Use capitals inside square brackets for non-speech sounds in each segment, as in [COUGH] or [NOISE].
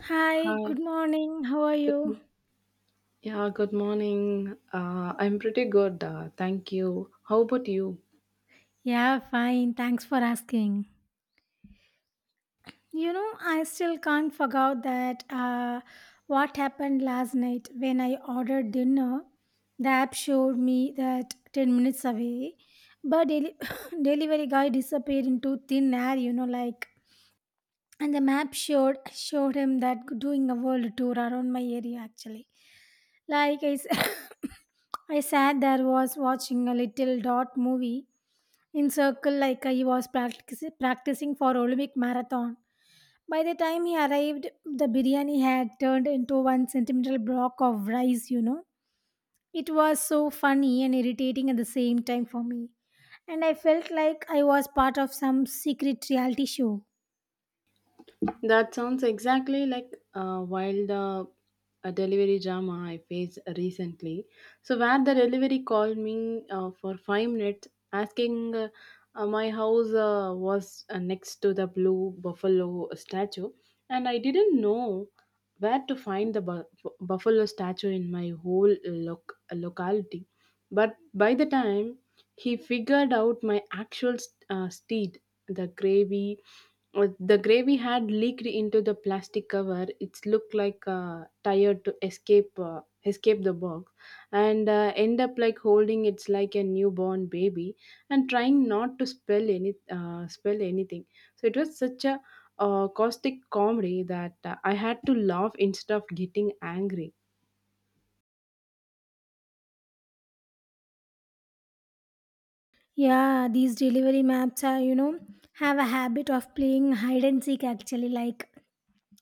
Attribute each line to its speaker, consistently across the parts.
Speaker 1: Hi,
Speaker 2: Hi.
Speaker 1: good morning. How are
Speaker 2: Good
Speaker 1: you?
Speaker 2: mo- Yeah, good morning. I'm pretty good. Thank you. How about you?
Speaker 1: Yeah, fine. Thanks for asking. You know, I still can't forget that what happened last night when I ordered dinner. The app showed me that 10 minutes away, but deli- [LAUGHS] [COUGHS] delivery guy disappeared into thin air, you know, like. And the map showed him that doing a world tour around my area actually. Like I, s- [LAUGHS] [COUGHS] I sat there was watching a little dot movie in circle like he was practicing for Olympic marathon. By the time he arrived, the biryani had turned into one centimeter block of rice, you know. It was so funny and irritating at the same time for me. And I felt like I was part of some secret reality show.
Speaker 2: That sounds exactly like while the a delivery drama I faced recently. So where the delivery called me for 5 minutes asking my house was next to the blue buffalo statue, and I didn't know where to find the buffalo statue in my whole locality. But by the time he figured out my actual steed, the gravy. The gravy had leaked into the plastic cover. It looked like a tire to escape the box, and end up like holding it's like a newborn baby and trying not to spell anything. So it was such a caustic comedy that I had to laugh instead of getting angry.
Speaker 1: Yeah, these delivery maps are, you know, have a habit of playing hide and seek actually, like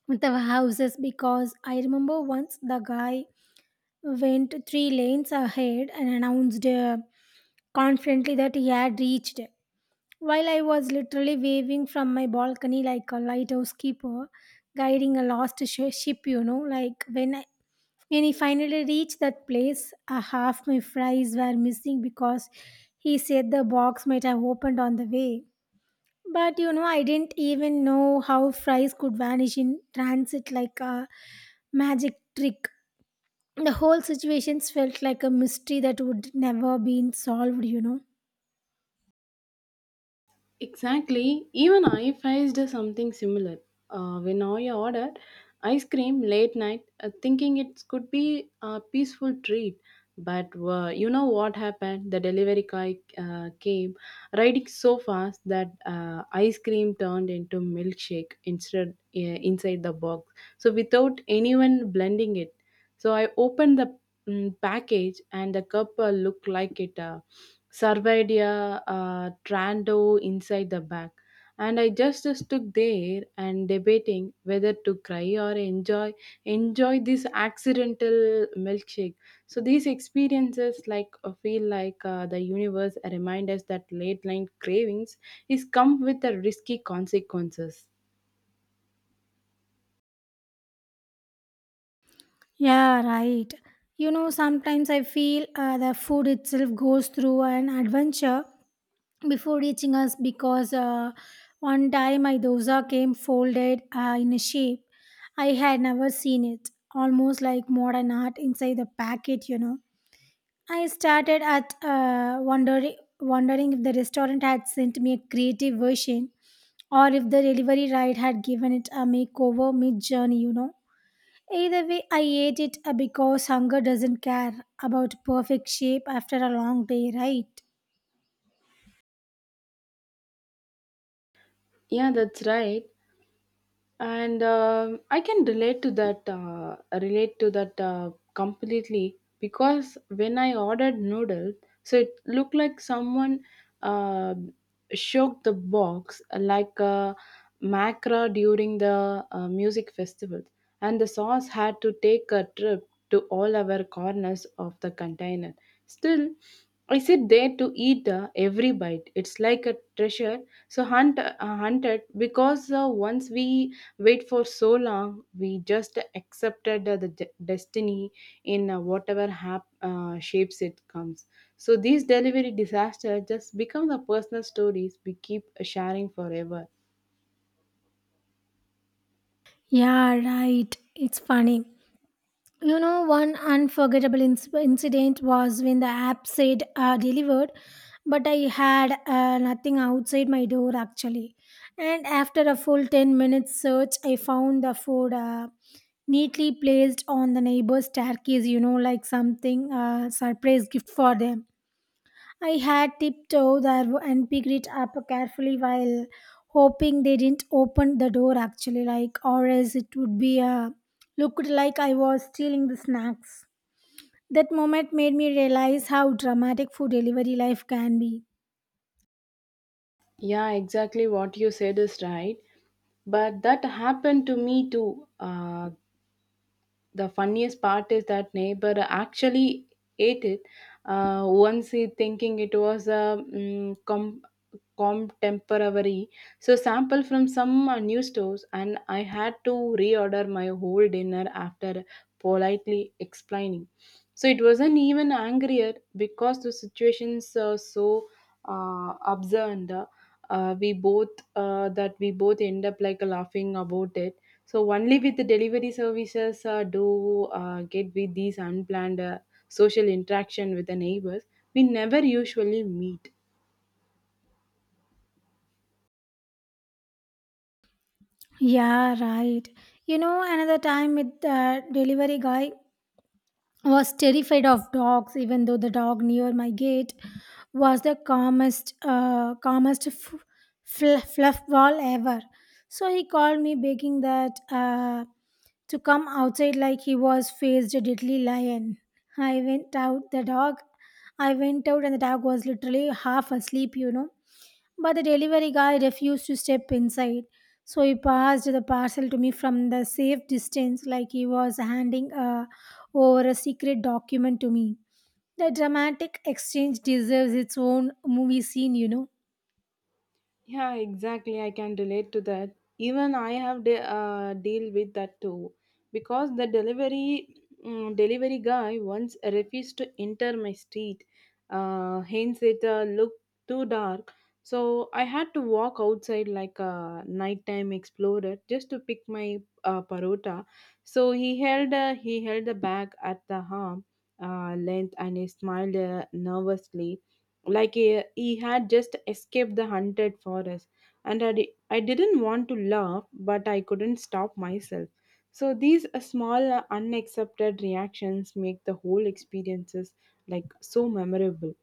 Speaker 1: with our houses. Because I remember once the guy went three lanes ahead and announced confidently that he had reached. While I was literally waving from my balcony like a lighthouse keeper guiding a ship, you know, when he finally reached that place, half my fries were missing because he said the box might have opened on the way. But you know, I didn't even know how fries could vanish in transit like a magic trick. The whole situations felt like a mystery that would never been solved, you know.
Speaker 2: Exactly. Even I faced something similar. When I ordered ice cream late night, thinking it could be a peaceful treat, but you know what happened? The delivery guy came riding so fast that ice cream turned into milkshake instead inside the box. So without anyone blending it, so I opened the package, and the cup looked like it surveyed a trando inside the bag, and I just stood there and debating whether to cry or enjoy this accidental milkshake. So these experiences like feel like the universe remind us that late night cravings is come with the risky consequences.
Speaker 1: Yeah, right. You know, sometimes I feel the food itself goes through an adventure before reaching us because one time my dosa came folded in a shape I had never seen it, almost like modern art inside the packet, you know. I started at wondering if the restaurant had sent me a creative version or if the delivery ride had given it a makeover mid journey, you know. Either way, I ate it because hunger doesn't care about perfect shape after a long day, right?
Speaker 2: Yeah, that's right. And I can relate to that completely because when I ordered noodles, so it looked like someone uh, shook the box like a macra during the music festival, and the sauce had to take a trip to all our corners of the container. Still, I sit there to eat every bite. It's like a treasure. So hunted because once we wait for so long we just accepted the destiny in whatever shapes it comes. So these delivery disasters just become the personal stories we keep sharing forever.
Speaker 1: Yeah, right. It's funny. You know, one unforgettable incident was when the app said delivered, but I had nothing outside my door actually. And after a full 10 minutes search, I found the food neatly placed on the neighbor's staircase, you know, like something, surprise gift for them. I had tiptoed there and picked it up carefully while hoping they didn't open the door actually like or else it would be looked like I was stealing the snacks. That moment made me realize how dramatic food delivery life can be.
Speaker 2: Yeah, exactly what you said is right, but that happened to me too. The funniest part is that neighbor actually ate it once he thinking it was a contemporary, so sample from some new stores, and I had to reorder my whole dinner after politely explaining. So it wasn't even angrier because the situations are so absurd, we both that we both end up like laughing about it. So only with the delivery services do get with these unplanned social interaction with the neighbors. We never usually meet.
Speaker 1: Yeah, right. You know, another time with the delivery guy, was terrified of dogs even though the dog near my gate was the calmest fluff ball ever so he called me begging that to come outside like he was faced a deadly lion. i went out the dog I went out and the dog was literally half asleep, you know, but the delivery guy refused to step inside. So he passed the parcel to me from the safe distance, like he was handing over a secret document to me. The dramatic exchange deserves its own movie scene, you know.
Speaker 2: Yeah, exactly. I can relate to that. Even I have deal with that too, because the delivery guy once refused to enter my street. Hence, it looked too dark, so I had to walk outside like a nighttime explorer just to pick my parota. So he held the bag at the arm length, and he smiled nervously like he had just escaped the haunted forest, and I didn't want to laugh but I couldn't stop myself. So these small unaccepted reactions make the whole experiences like so memorable.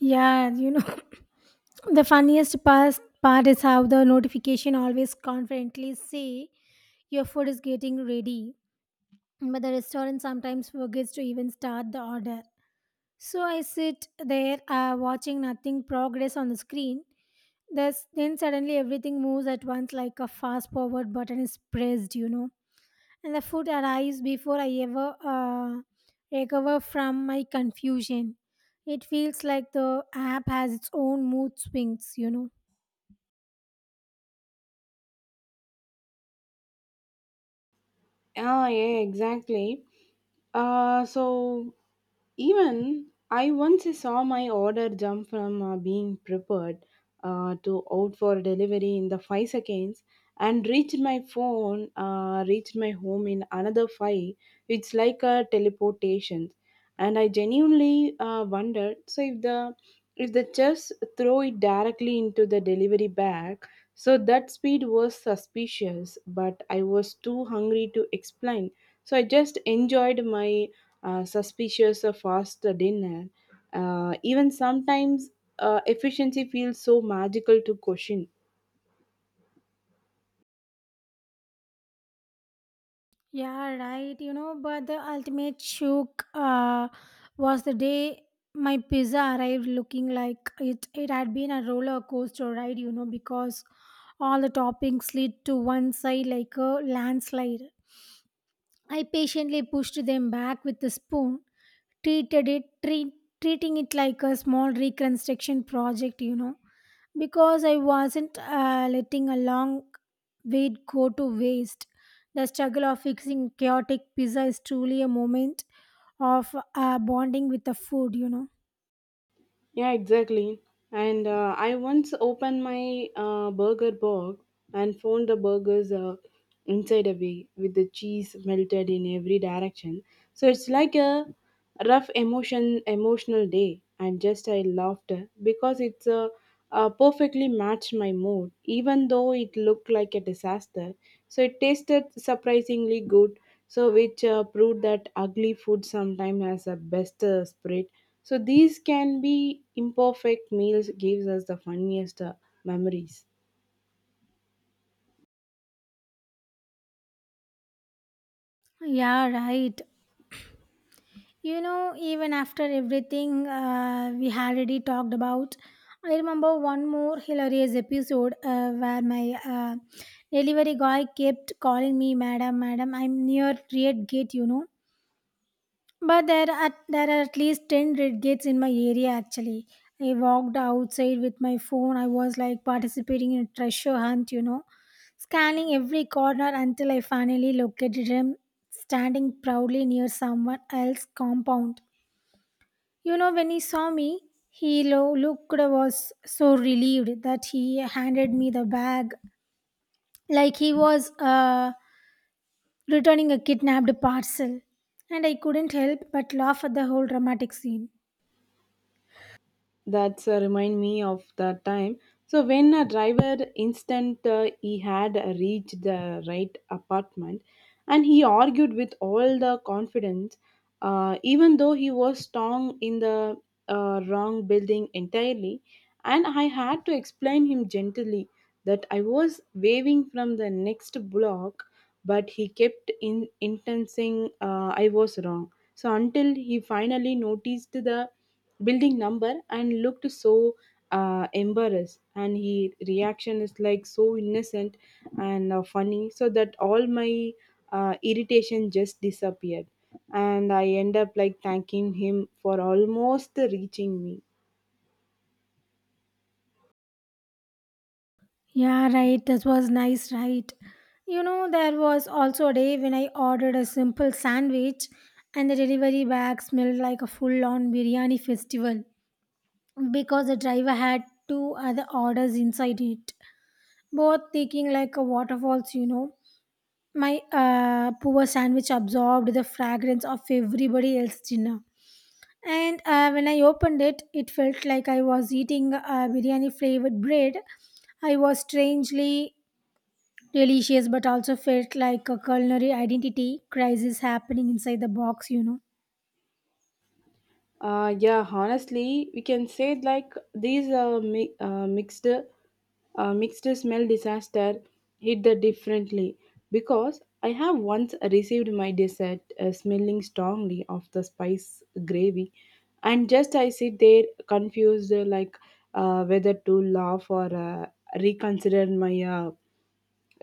Speaker 1: Yeah, you know, [LAUGHS] [COUGHS] the funniest part is how the notification always confidently say your food is getting ready, but the restaurant sometimes forgets to even start the order. So I sit there watching nothing progress on the screen. Thus, then suddenly everything moves at once like a fast forward button is pressed, you know. And the food arrives before I ever recover from my confusion. It feels like the app has its own mood swings, you know.
Speaker 2: Ah, yeah, exactly. So even I once saw my order jump from being prepared to out for delivery in the 5 seconds and reached my home in another five. It's like a teleportation, and I genuinely wondered. So if the chefs throw it directly into the delivery bag, so that speed was suspicious, but I was too hungry to explain. So I just enjoyed my suspicious fast dinner. Even sometimes efficiency feels so magical to question.
Speaker 1: Yeah, right. You know, but the ultimate shock was the day my pizza arrived looking like it had been a roller coaster ride, you know, because all the toppings slid to one side like a landslide. I patiently pushed them back with a spoon, treated it, treat, treating it like a small reconstruction project, you know, because I wasn't letting a long wait go to waste. The struggle of fixing chaotic pizza is truly a moment of bonding with the food, you know.
Speaker 2: Yeah, exactly. And I once opened my burger box and found the burgers inside away with the cheese melted in every direction. So it's like a rough emotional day. And just I laughed because it's perfectly matched my mood, even though it looked like a disaster. So it tasted surprisingly good. So which proved that ugly food sometimes has a best spirit. So these can be imperfect meals gives us the funniest memories.
Speaker 1: Yeah, right. You know, even after everything we had already talked about, I remember one more hilarious episode where my delivery guy kept calling me, Madam, Madam, I'm near Red Gate, you know. But there are at least ten red gates in my area actually. I walked outside with my phone. I was like participating in a treasure hunt, you know, scanning every corner until I finally located him standing proudly near someone else's compound. You know, when he saw me, he looked was so relieved that he handed me the bag like he was returning a kidnapped parcel, and I couldn't help but laugh at the whole dramatic scene.
Speaker 2: That's remind me of the time. So when a driver instant, he had reached the right apartment, and he argued with all the confidence, even though he was strong in the wrong building entirely, and I had to explain him gently that I was waving from the next block, but he kept in intensing I was wrong. So until he finally noticed the building number and looked so embarrassed, and he reaction is like so innocent and funny, so that all my irritation just disappeared, and I end up like thanking him for almost reaching me.
Speaker 1: Yeah, right. This was nice, right? You know, there was also a day when I ordered a simple sandwich and the delivery bag smelled like a full on biryani festival because the driver had two other orders inside it, both taking like a waterfalls, you know. My poor sandwich absorbed the fragrance of everybody else's dinner. And when I opened it, it felt like I was eating biryani flavored bread. I was strangely delicious but also felt like a culinary identity crisis happening inside the box, you know.
Speaker 2: Yeah, honestly, we can say like these mixed smell disaster hit the differently because I have once received my dessert smelling strongly of the spice gravy, and just I sit there confused like whether to laugh or reconsider my uh,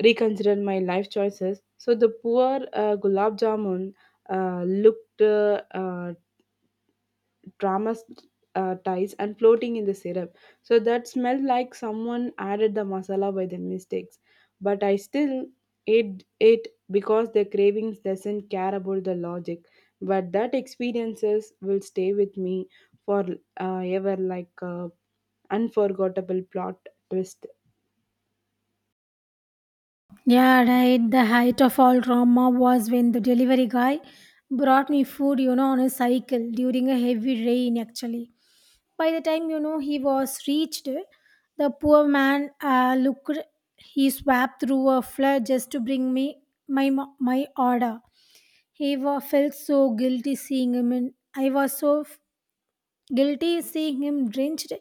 Speaker 2: reconsider my life choices. So the poor gulab jamun looked dramas ties and floating in the syrup. So that smelled like someone added the masala by the mistakes. But I still ate it because the cravings doesn't care about the logic. But that experiences will stay with me for ever like a unforgettable plot twist.
Speaker 1: Yeah, right. The height of all drama was when the delivery guy brought me food, you know, on a cycle during a heavy rain actually. By the time, you know, he was reached, the poor man looked he swept through a flood just to bring me my my order. Felt so guilty seeing him and I was so guilty is seeing him drenched,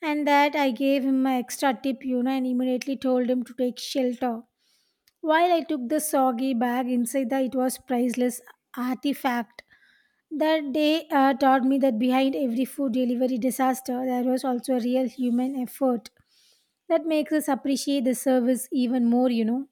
Speaker 1: and that I gave him my extra tip, you know, and immediately told him to take shelter. While I took the soggy bag inside that it was priceless artifact. That day taught me that behind every food delivery disaster, there was also a real human effort. That makes us appreciate the service even more, you know.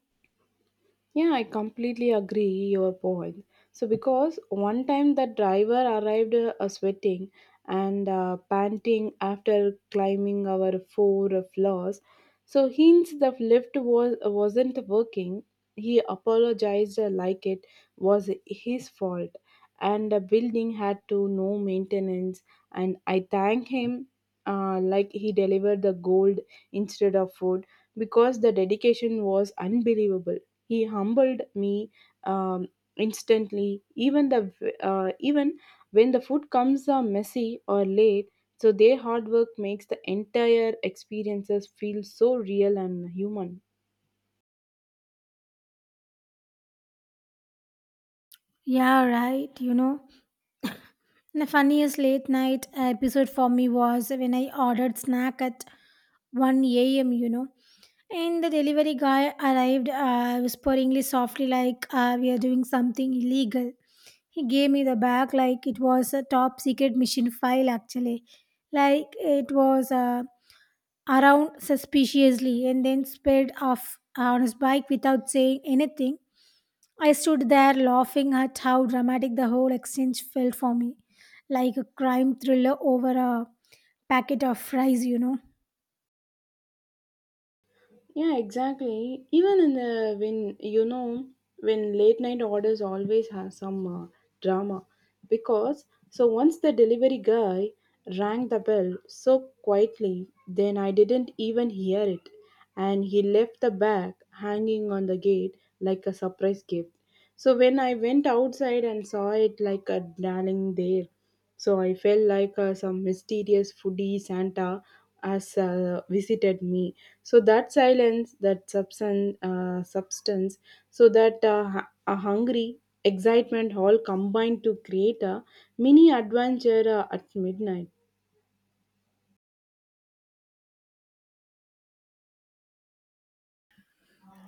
Speaker 2: Yeah, I completely agree your point. So because one time the driver arrived sweating and panting after climbing our four floors. So hints the lift wasn't working. He apologized like it was his fault, and the building had to no maintenance. And I thank him like he delivered the gold instead of food because the dedication was unbelievable. He humbled me um, instantly, even the even when the food comes messy or late. So their hard work makes the entire experiences feel so real and human.
Speaker 1: Yeah, right. You know, the funniest late night episode for me was when I ordered snack at 1 a.m., you know. And the delivery guy arrived whisperingly softly, like, We are doing something illegal. He gave me the bag like it was a top secret mission file, actually. Like it was around suspiciously and then sped off on his bike without saying anything. I stood there laughing at how dramatic the whole exchange felt for me, like a crime thriller over a packet of fries, you know.
Speaker 2: Yeah, exactly. Even in the when you know when late night orders always have some drama, because so once the delivery guy rang the bell so quietly, then I didn't even hear it, and he left the bag hanging on the gate like a surprise gift. So when I went outside and saw it like a darling there, so I felt like some mysterious foodie Santa has visited me. So that silence, that substance, so that a hungry excitement all combined to create a mini adventure at midnight.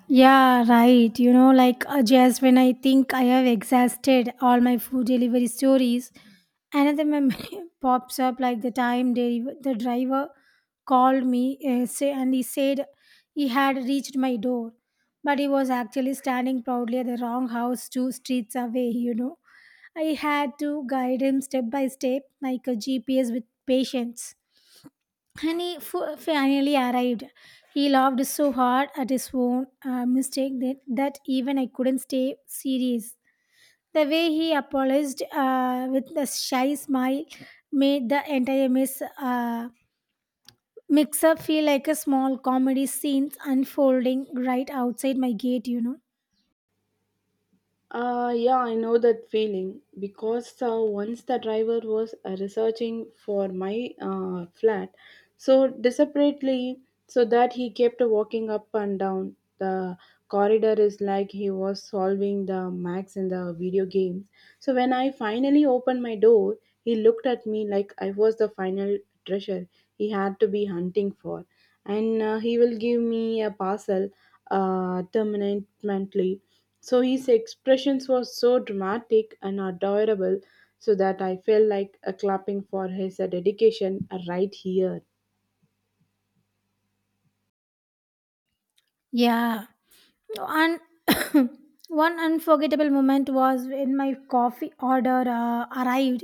Speaker 1: Yeah, right. You know, like just when I think I have exhausted all my food delivery stories, another memory [LAUGHS] pops up like the time the driver called me and he said he had reached my door, but he was actually standing proudly at the wrong house two streets away, you know. I had to guide him step by step like a GPS with patience and he finally arrived. He laughed so hard at his own mistake that even I couldn't stay serious. The way he apologized with a shy smile made the entire mess mix up feel like a small comedy scene unfolding right outside my gate, you know.
Speaker 2: Yeah, I know that feeling because once the driver was researching for my flat so desperately, so that he kept walking up and down the corridor is like he was solving the max in the video games. So when I finally opened my door, he looked at me like I was the final treasure he had to be hunting for, and he will give me a parcel terminately, so his expressions were so dramatic and adorable, so that I felt like a clapping for his dedication right here.
Speaker 1: Yeah, One [COUGHS] one unforgettable moment was when my coffee order arrived,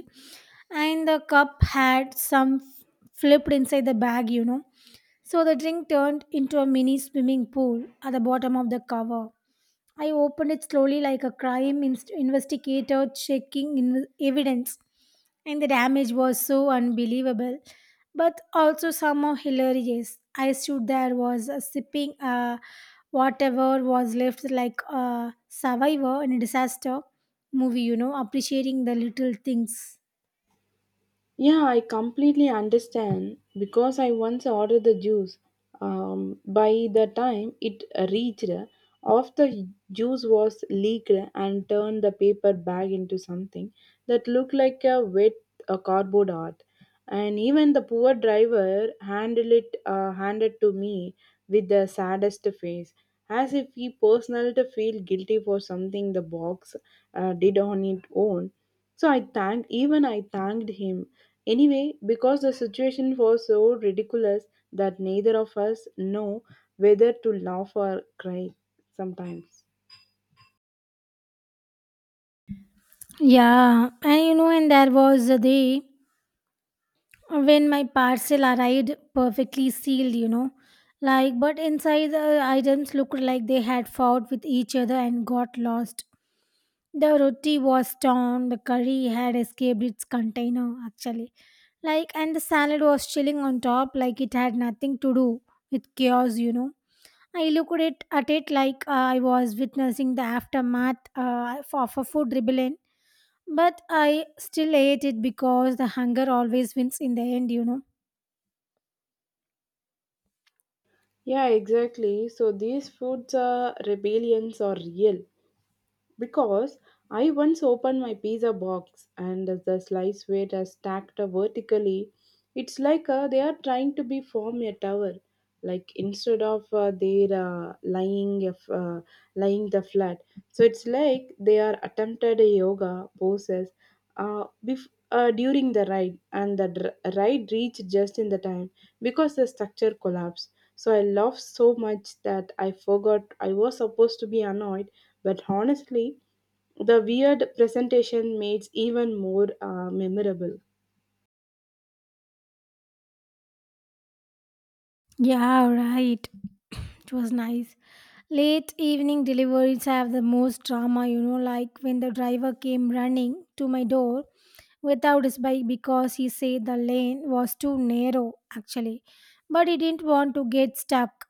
Speaker 1: and the cup had some flipped inside the bag. You know, so the drink turned into a mini swimming pool at the bottom of the cover. I opened it slowly like a crime investigator checking evidence, and the damage was so unbelievable, but also somehow hilarious. I stood there, was sipping whatever was left like a survivor in a disaster movie, you know, appreciating the little things.
Speaker 2: Yeah, I completely understand because I once ordered the juice. By the time it reached, half the juice was leaked and turned the paper bag into something that looked like a wet a cardboard art. And even the poor driver handled it handed to me with the saddest face, as if he personally feel guilty for something the box did on its own. So I thanked him anyway, because the situation was so ridiculous that neither of us know whether to laugh or cry sometimes.
Speaker 1: Yeah, and you know, and there was a day when my parcel arrived perfectly sealed, you know, like, but inside the items looked like they had fought with each other and got lost. The roti was torn, the curry had escaped its container actually, like, and the salad was chilling on top like it had nothing to do with chaos, you know. I looked at it like I was witnessing the aftermath of a food rebellion, but I still ate it because the hunger always wins in the end, you know.
Speaker 2: Yeah, exactly. So these foods are rebellions are real. Because I once opened my pizza box and the slice weight are stacked up vertically. It's like they are trying to be form a tower. Like instead of they lying if, lying the flat, so it's like they are attempted a yoga poses during the ride, and the ride reached just in the time because the structure collapsed. So I laughed so much that I forgot I was supposed to be annoyed, but honestly, the weird presentation makes even more memorable.
Speaker 1: Yeah, right. It was nice. Late evening deliveries have the most drama, you know, like when the driver came running to my door without his bike because he said the lane was too narrow, actually. But he didn't want to get stuck.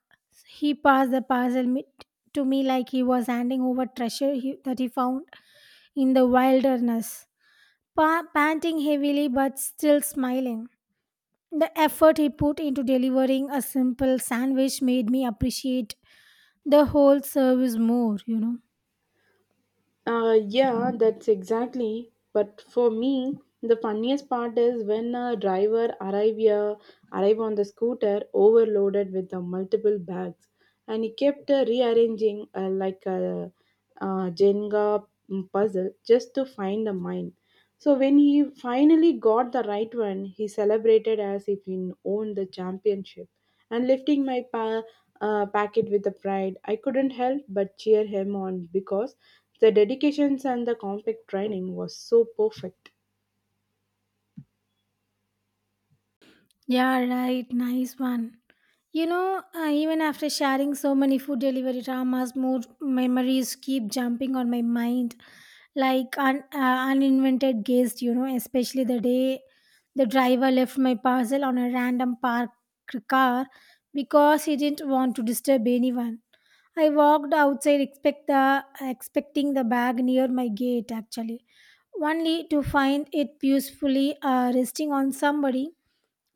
Speaker 1: He passed the parcel to me like he was handing over treasure that he found in the wilderness, panting heavily but still smiling. The effort he put into delivering a simple sandwich made me appreciate the whole service more.
Speaker 2: Yeah, that's exactly. But for me, the funniest part is when a driver arrive on the scooter overloaded with the multiple bags, and he kept rearranging like a, Jenga puzzle just to find a mine. So when he finally got the right one, he celebrated as if he owned the championship. And lifting packet with the pride, I couldn't help but cheer him on because the dedications and the compact training was so perfect.
Speaker 1: Yeah, right. Nice one. Even after sharing so many food delivery dramas, more memories keep jumping on my mind, like uninvented guests. You know, especially the day the driver left my parcel on a random parked car because he didn't want to disturb anyone. I walked outside, expecting the bag near my gate actually, only to find it peacefully resting on somebody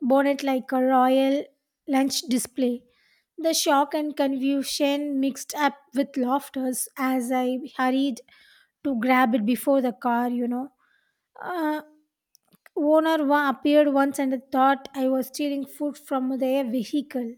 Speaker 1: bonnet like a royal lunch display. The shock and confusion mixed up with laughters as I hurried to grab it before the car. Uh, Owner appeared once and thought I was stealing food from their vehicle.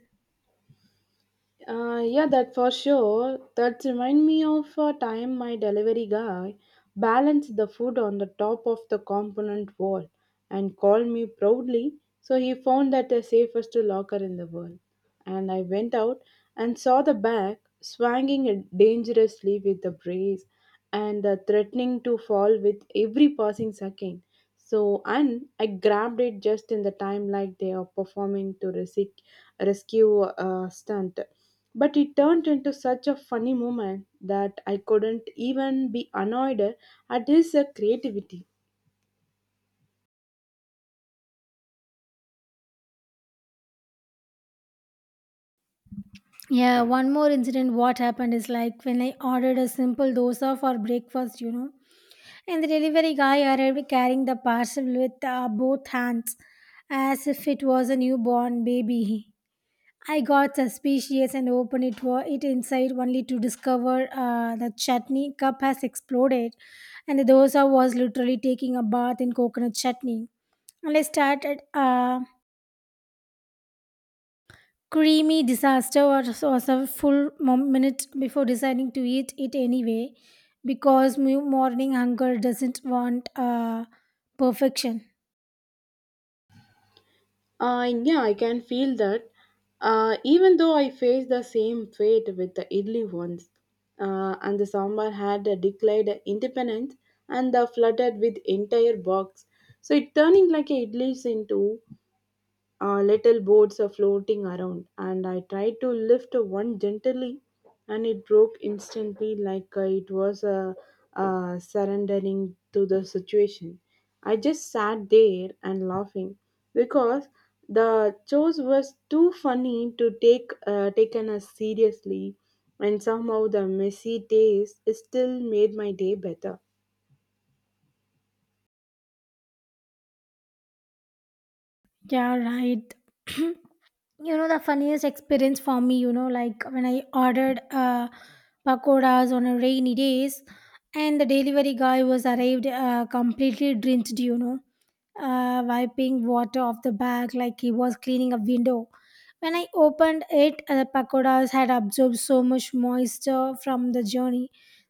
Speaker 2: Yeah, that for sure. That remind me of a time my delivery guy balanced the food on the top of the component wall and called me proudly. So he found that the safest locker in the world. And I went out and saw the bag swinging it dangerously with the breeze, and threatening to fall with every passing second. So and I grabbed it just in the time like they are performing to rescue stunt. But it turned into such a funny moment that I couldn't even be annoyed at his creativity.
Speaker 1: Yeah, one more incident. What happened is like when I ordered a simple dosa for breakfast, you know, and the delivery guy arrived carrying the parcel with both hands as if it was a newborn baby. I got suspicious and opened it, it inside only to discover the chutney cup has exploded and the dosa was literally taking a bath in coconut chutney. And I started a creamy disaster or was a full minute before deciding to eat it anyway because morning hunger doesn't want perfection.
Speaker 2: Yeah, I can feel that. Even though I faced the same fate with the idli once, and the sambar had declared independence and flooded with entire box. So it turning like a idlis into little boats are floating around, and I tried to lift one gently, and it broke instantly like it was surrendering to the situation. I just sat there and laughing because the chose was too funny to taken as seriously, and somehow the messy taste still made my day better.
Speaker 1: Yeah, right. [CLEARS THROAT] You know the funniest experience for me, you know, like when I ordered pakoras on a rainy days, and the delivery guy was arrived completely drenched, you know, wiping water off the bag like he was cleaning a window. When I opened it, the pakoras had absorbed so much moisture from the journey,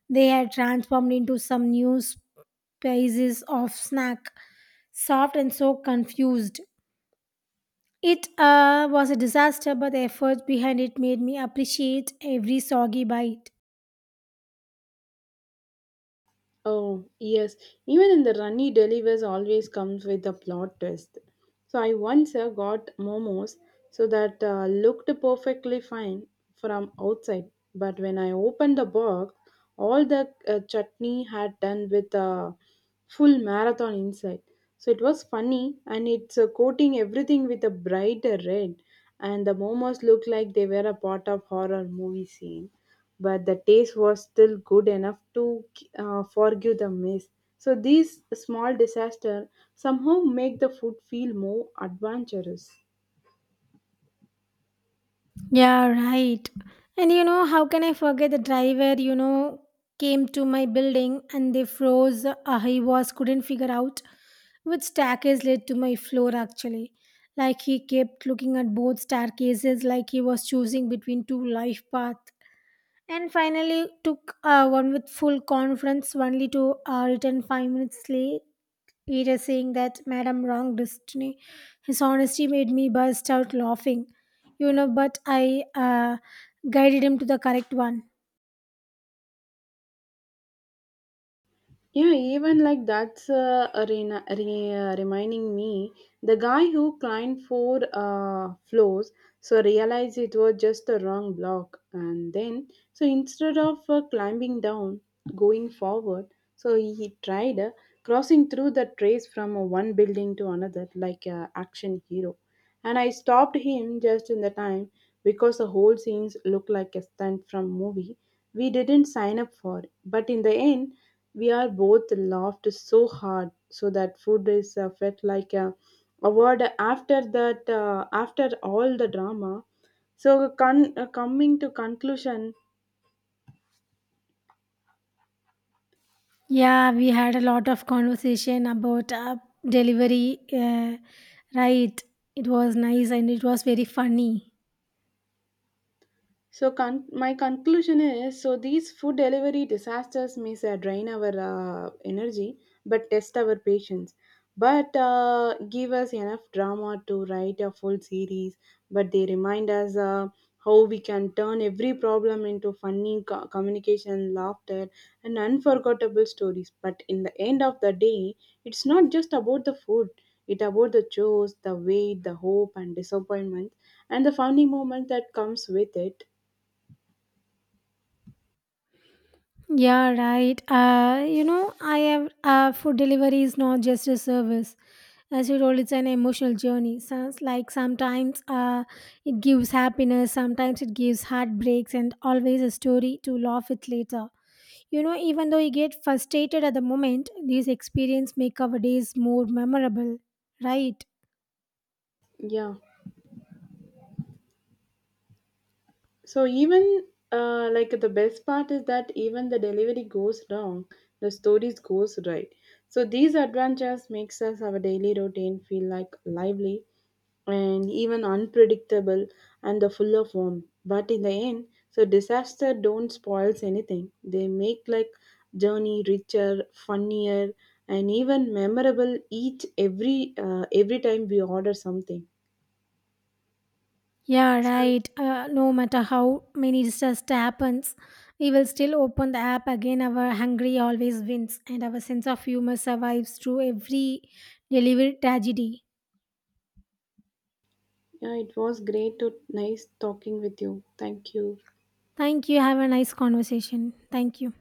Speaker 1: they had transformed into some new species of snack, soft and so confused. It was a disaster, but the effort behind it made me appreciate every soggy bite.
Speaker 2: Oh, yes. Even in the runny delivers always comes with a plot twist. So I once got momos so that looked perfectly fine from outside, but when I opened the box, all the chutney had done with a full marathon inside. So it was funny, and it's coating everything with a bright red, and the momos looked like they were a part of horror movie scene, but the taste was still good enough to forgive the mess. So these small disasters somehow make the food feel more adventurous.
Speaker 1: Yeah, right. And you know, how can I forget the driver, you know, came to my building and they froze. I was couldn't figure out which staircase led to my floor actually. Like he kept looking at both staircases like he was choosing between two life paths. And finally took one with full conference only to return 5 minutes late. Peter saying that Madam wronged destiny. His honesty made me burst out laughing. But I guided him to the correct one.
Speaker 2: Yeah, even like that's a rena- re- reminding me the guy who climbed four floors so realized it was just the wrong block, and then so instead of climbing down, going forward, so he tried crossing through the trace from one building to another like a action hero, and I stopped him just in the time because the whole scenes looked like a stunt from movie we didn't sign up for, but in the end we are both laughed so hard so that food is felt like a award after that after all the drama. So coming to conclusion.
Speaker 1: Yeah, we had a lot of conversation about delivery. Right, it was nice and it was very funny.
Speaker 2: So, my conclusion is so these food delivery disasters may say, drain our energy but test our patience, but give us enough drama to write a full series. But they remind us how we can turn every problem into funny communication, laughter, and unforgettable stories. But in the end of the day, it's not just about the food. It about the chores, the wait, the hope, and disappointment, and the funny moment that comes with it.
Speaker 1: Yeah, right. You know, I have Food delivery is not just a service. As you told, it's an emotional journey. Sounds like sometimes it gives happiness, sometimes it gives heartbreaks, and always a story to laugh at later. You know, even though you get frustrated at the moment, these experience make our days more memorable, right?
Speaker 2: Yeah. So even like the best part is that even the delivery goes wrong, the stories goes right. So these adventures makes us our daily routine feel like lively and even unpredictable and the full of warmth. But in the end, so disaster don't spoils anything. They make like journey richer, funnier, and even memorable each every time we order something.
Speaker 1: Yeah,
Speaker 2: So
Speaker 1: right. No matter how many disaster happens, we will still open the app again. Our hungry always wins, and our sense of humor survives through every delivered tragedy.
Speaker 2: yeah, it was great to nice talking with you. Thank you.
Speaker 1: Thank you. Have a nice conversation. Thank you.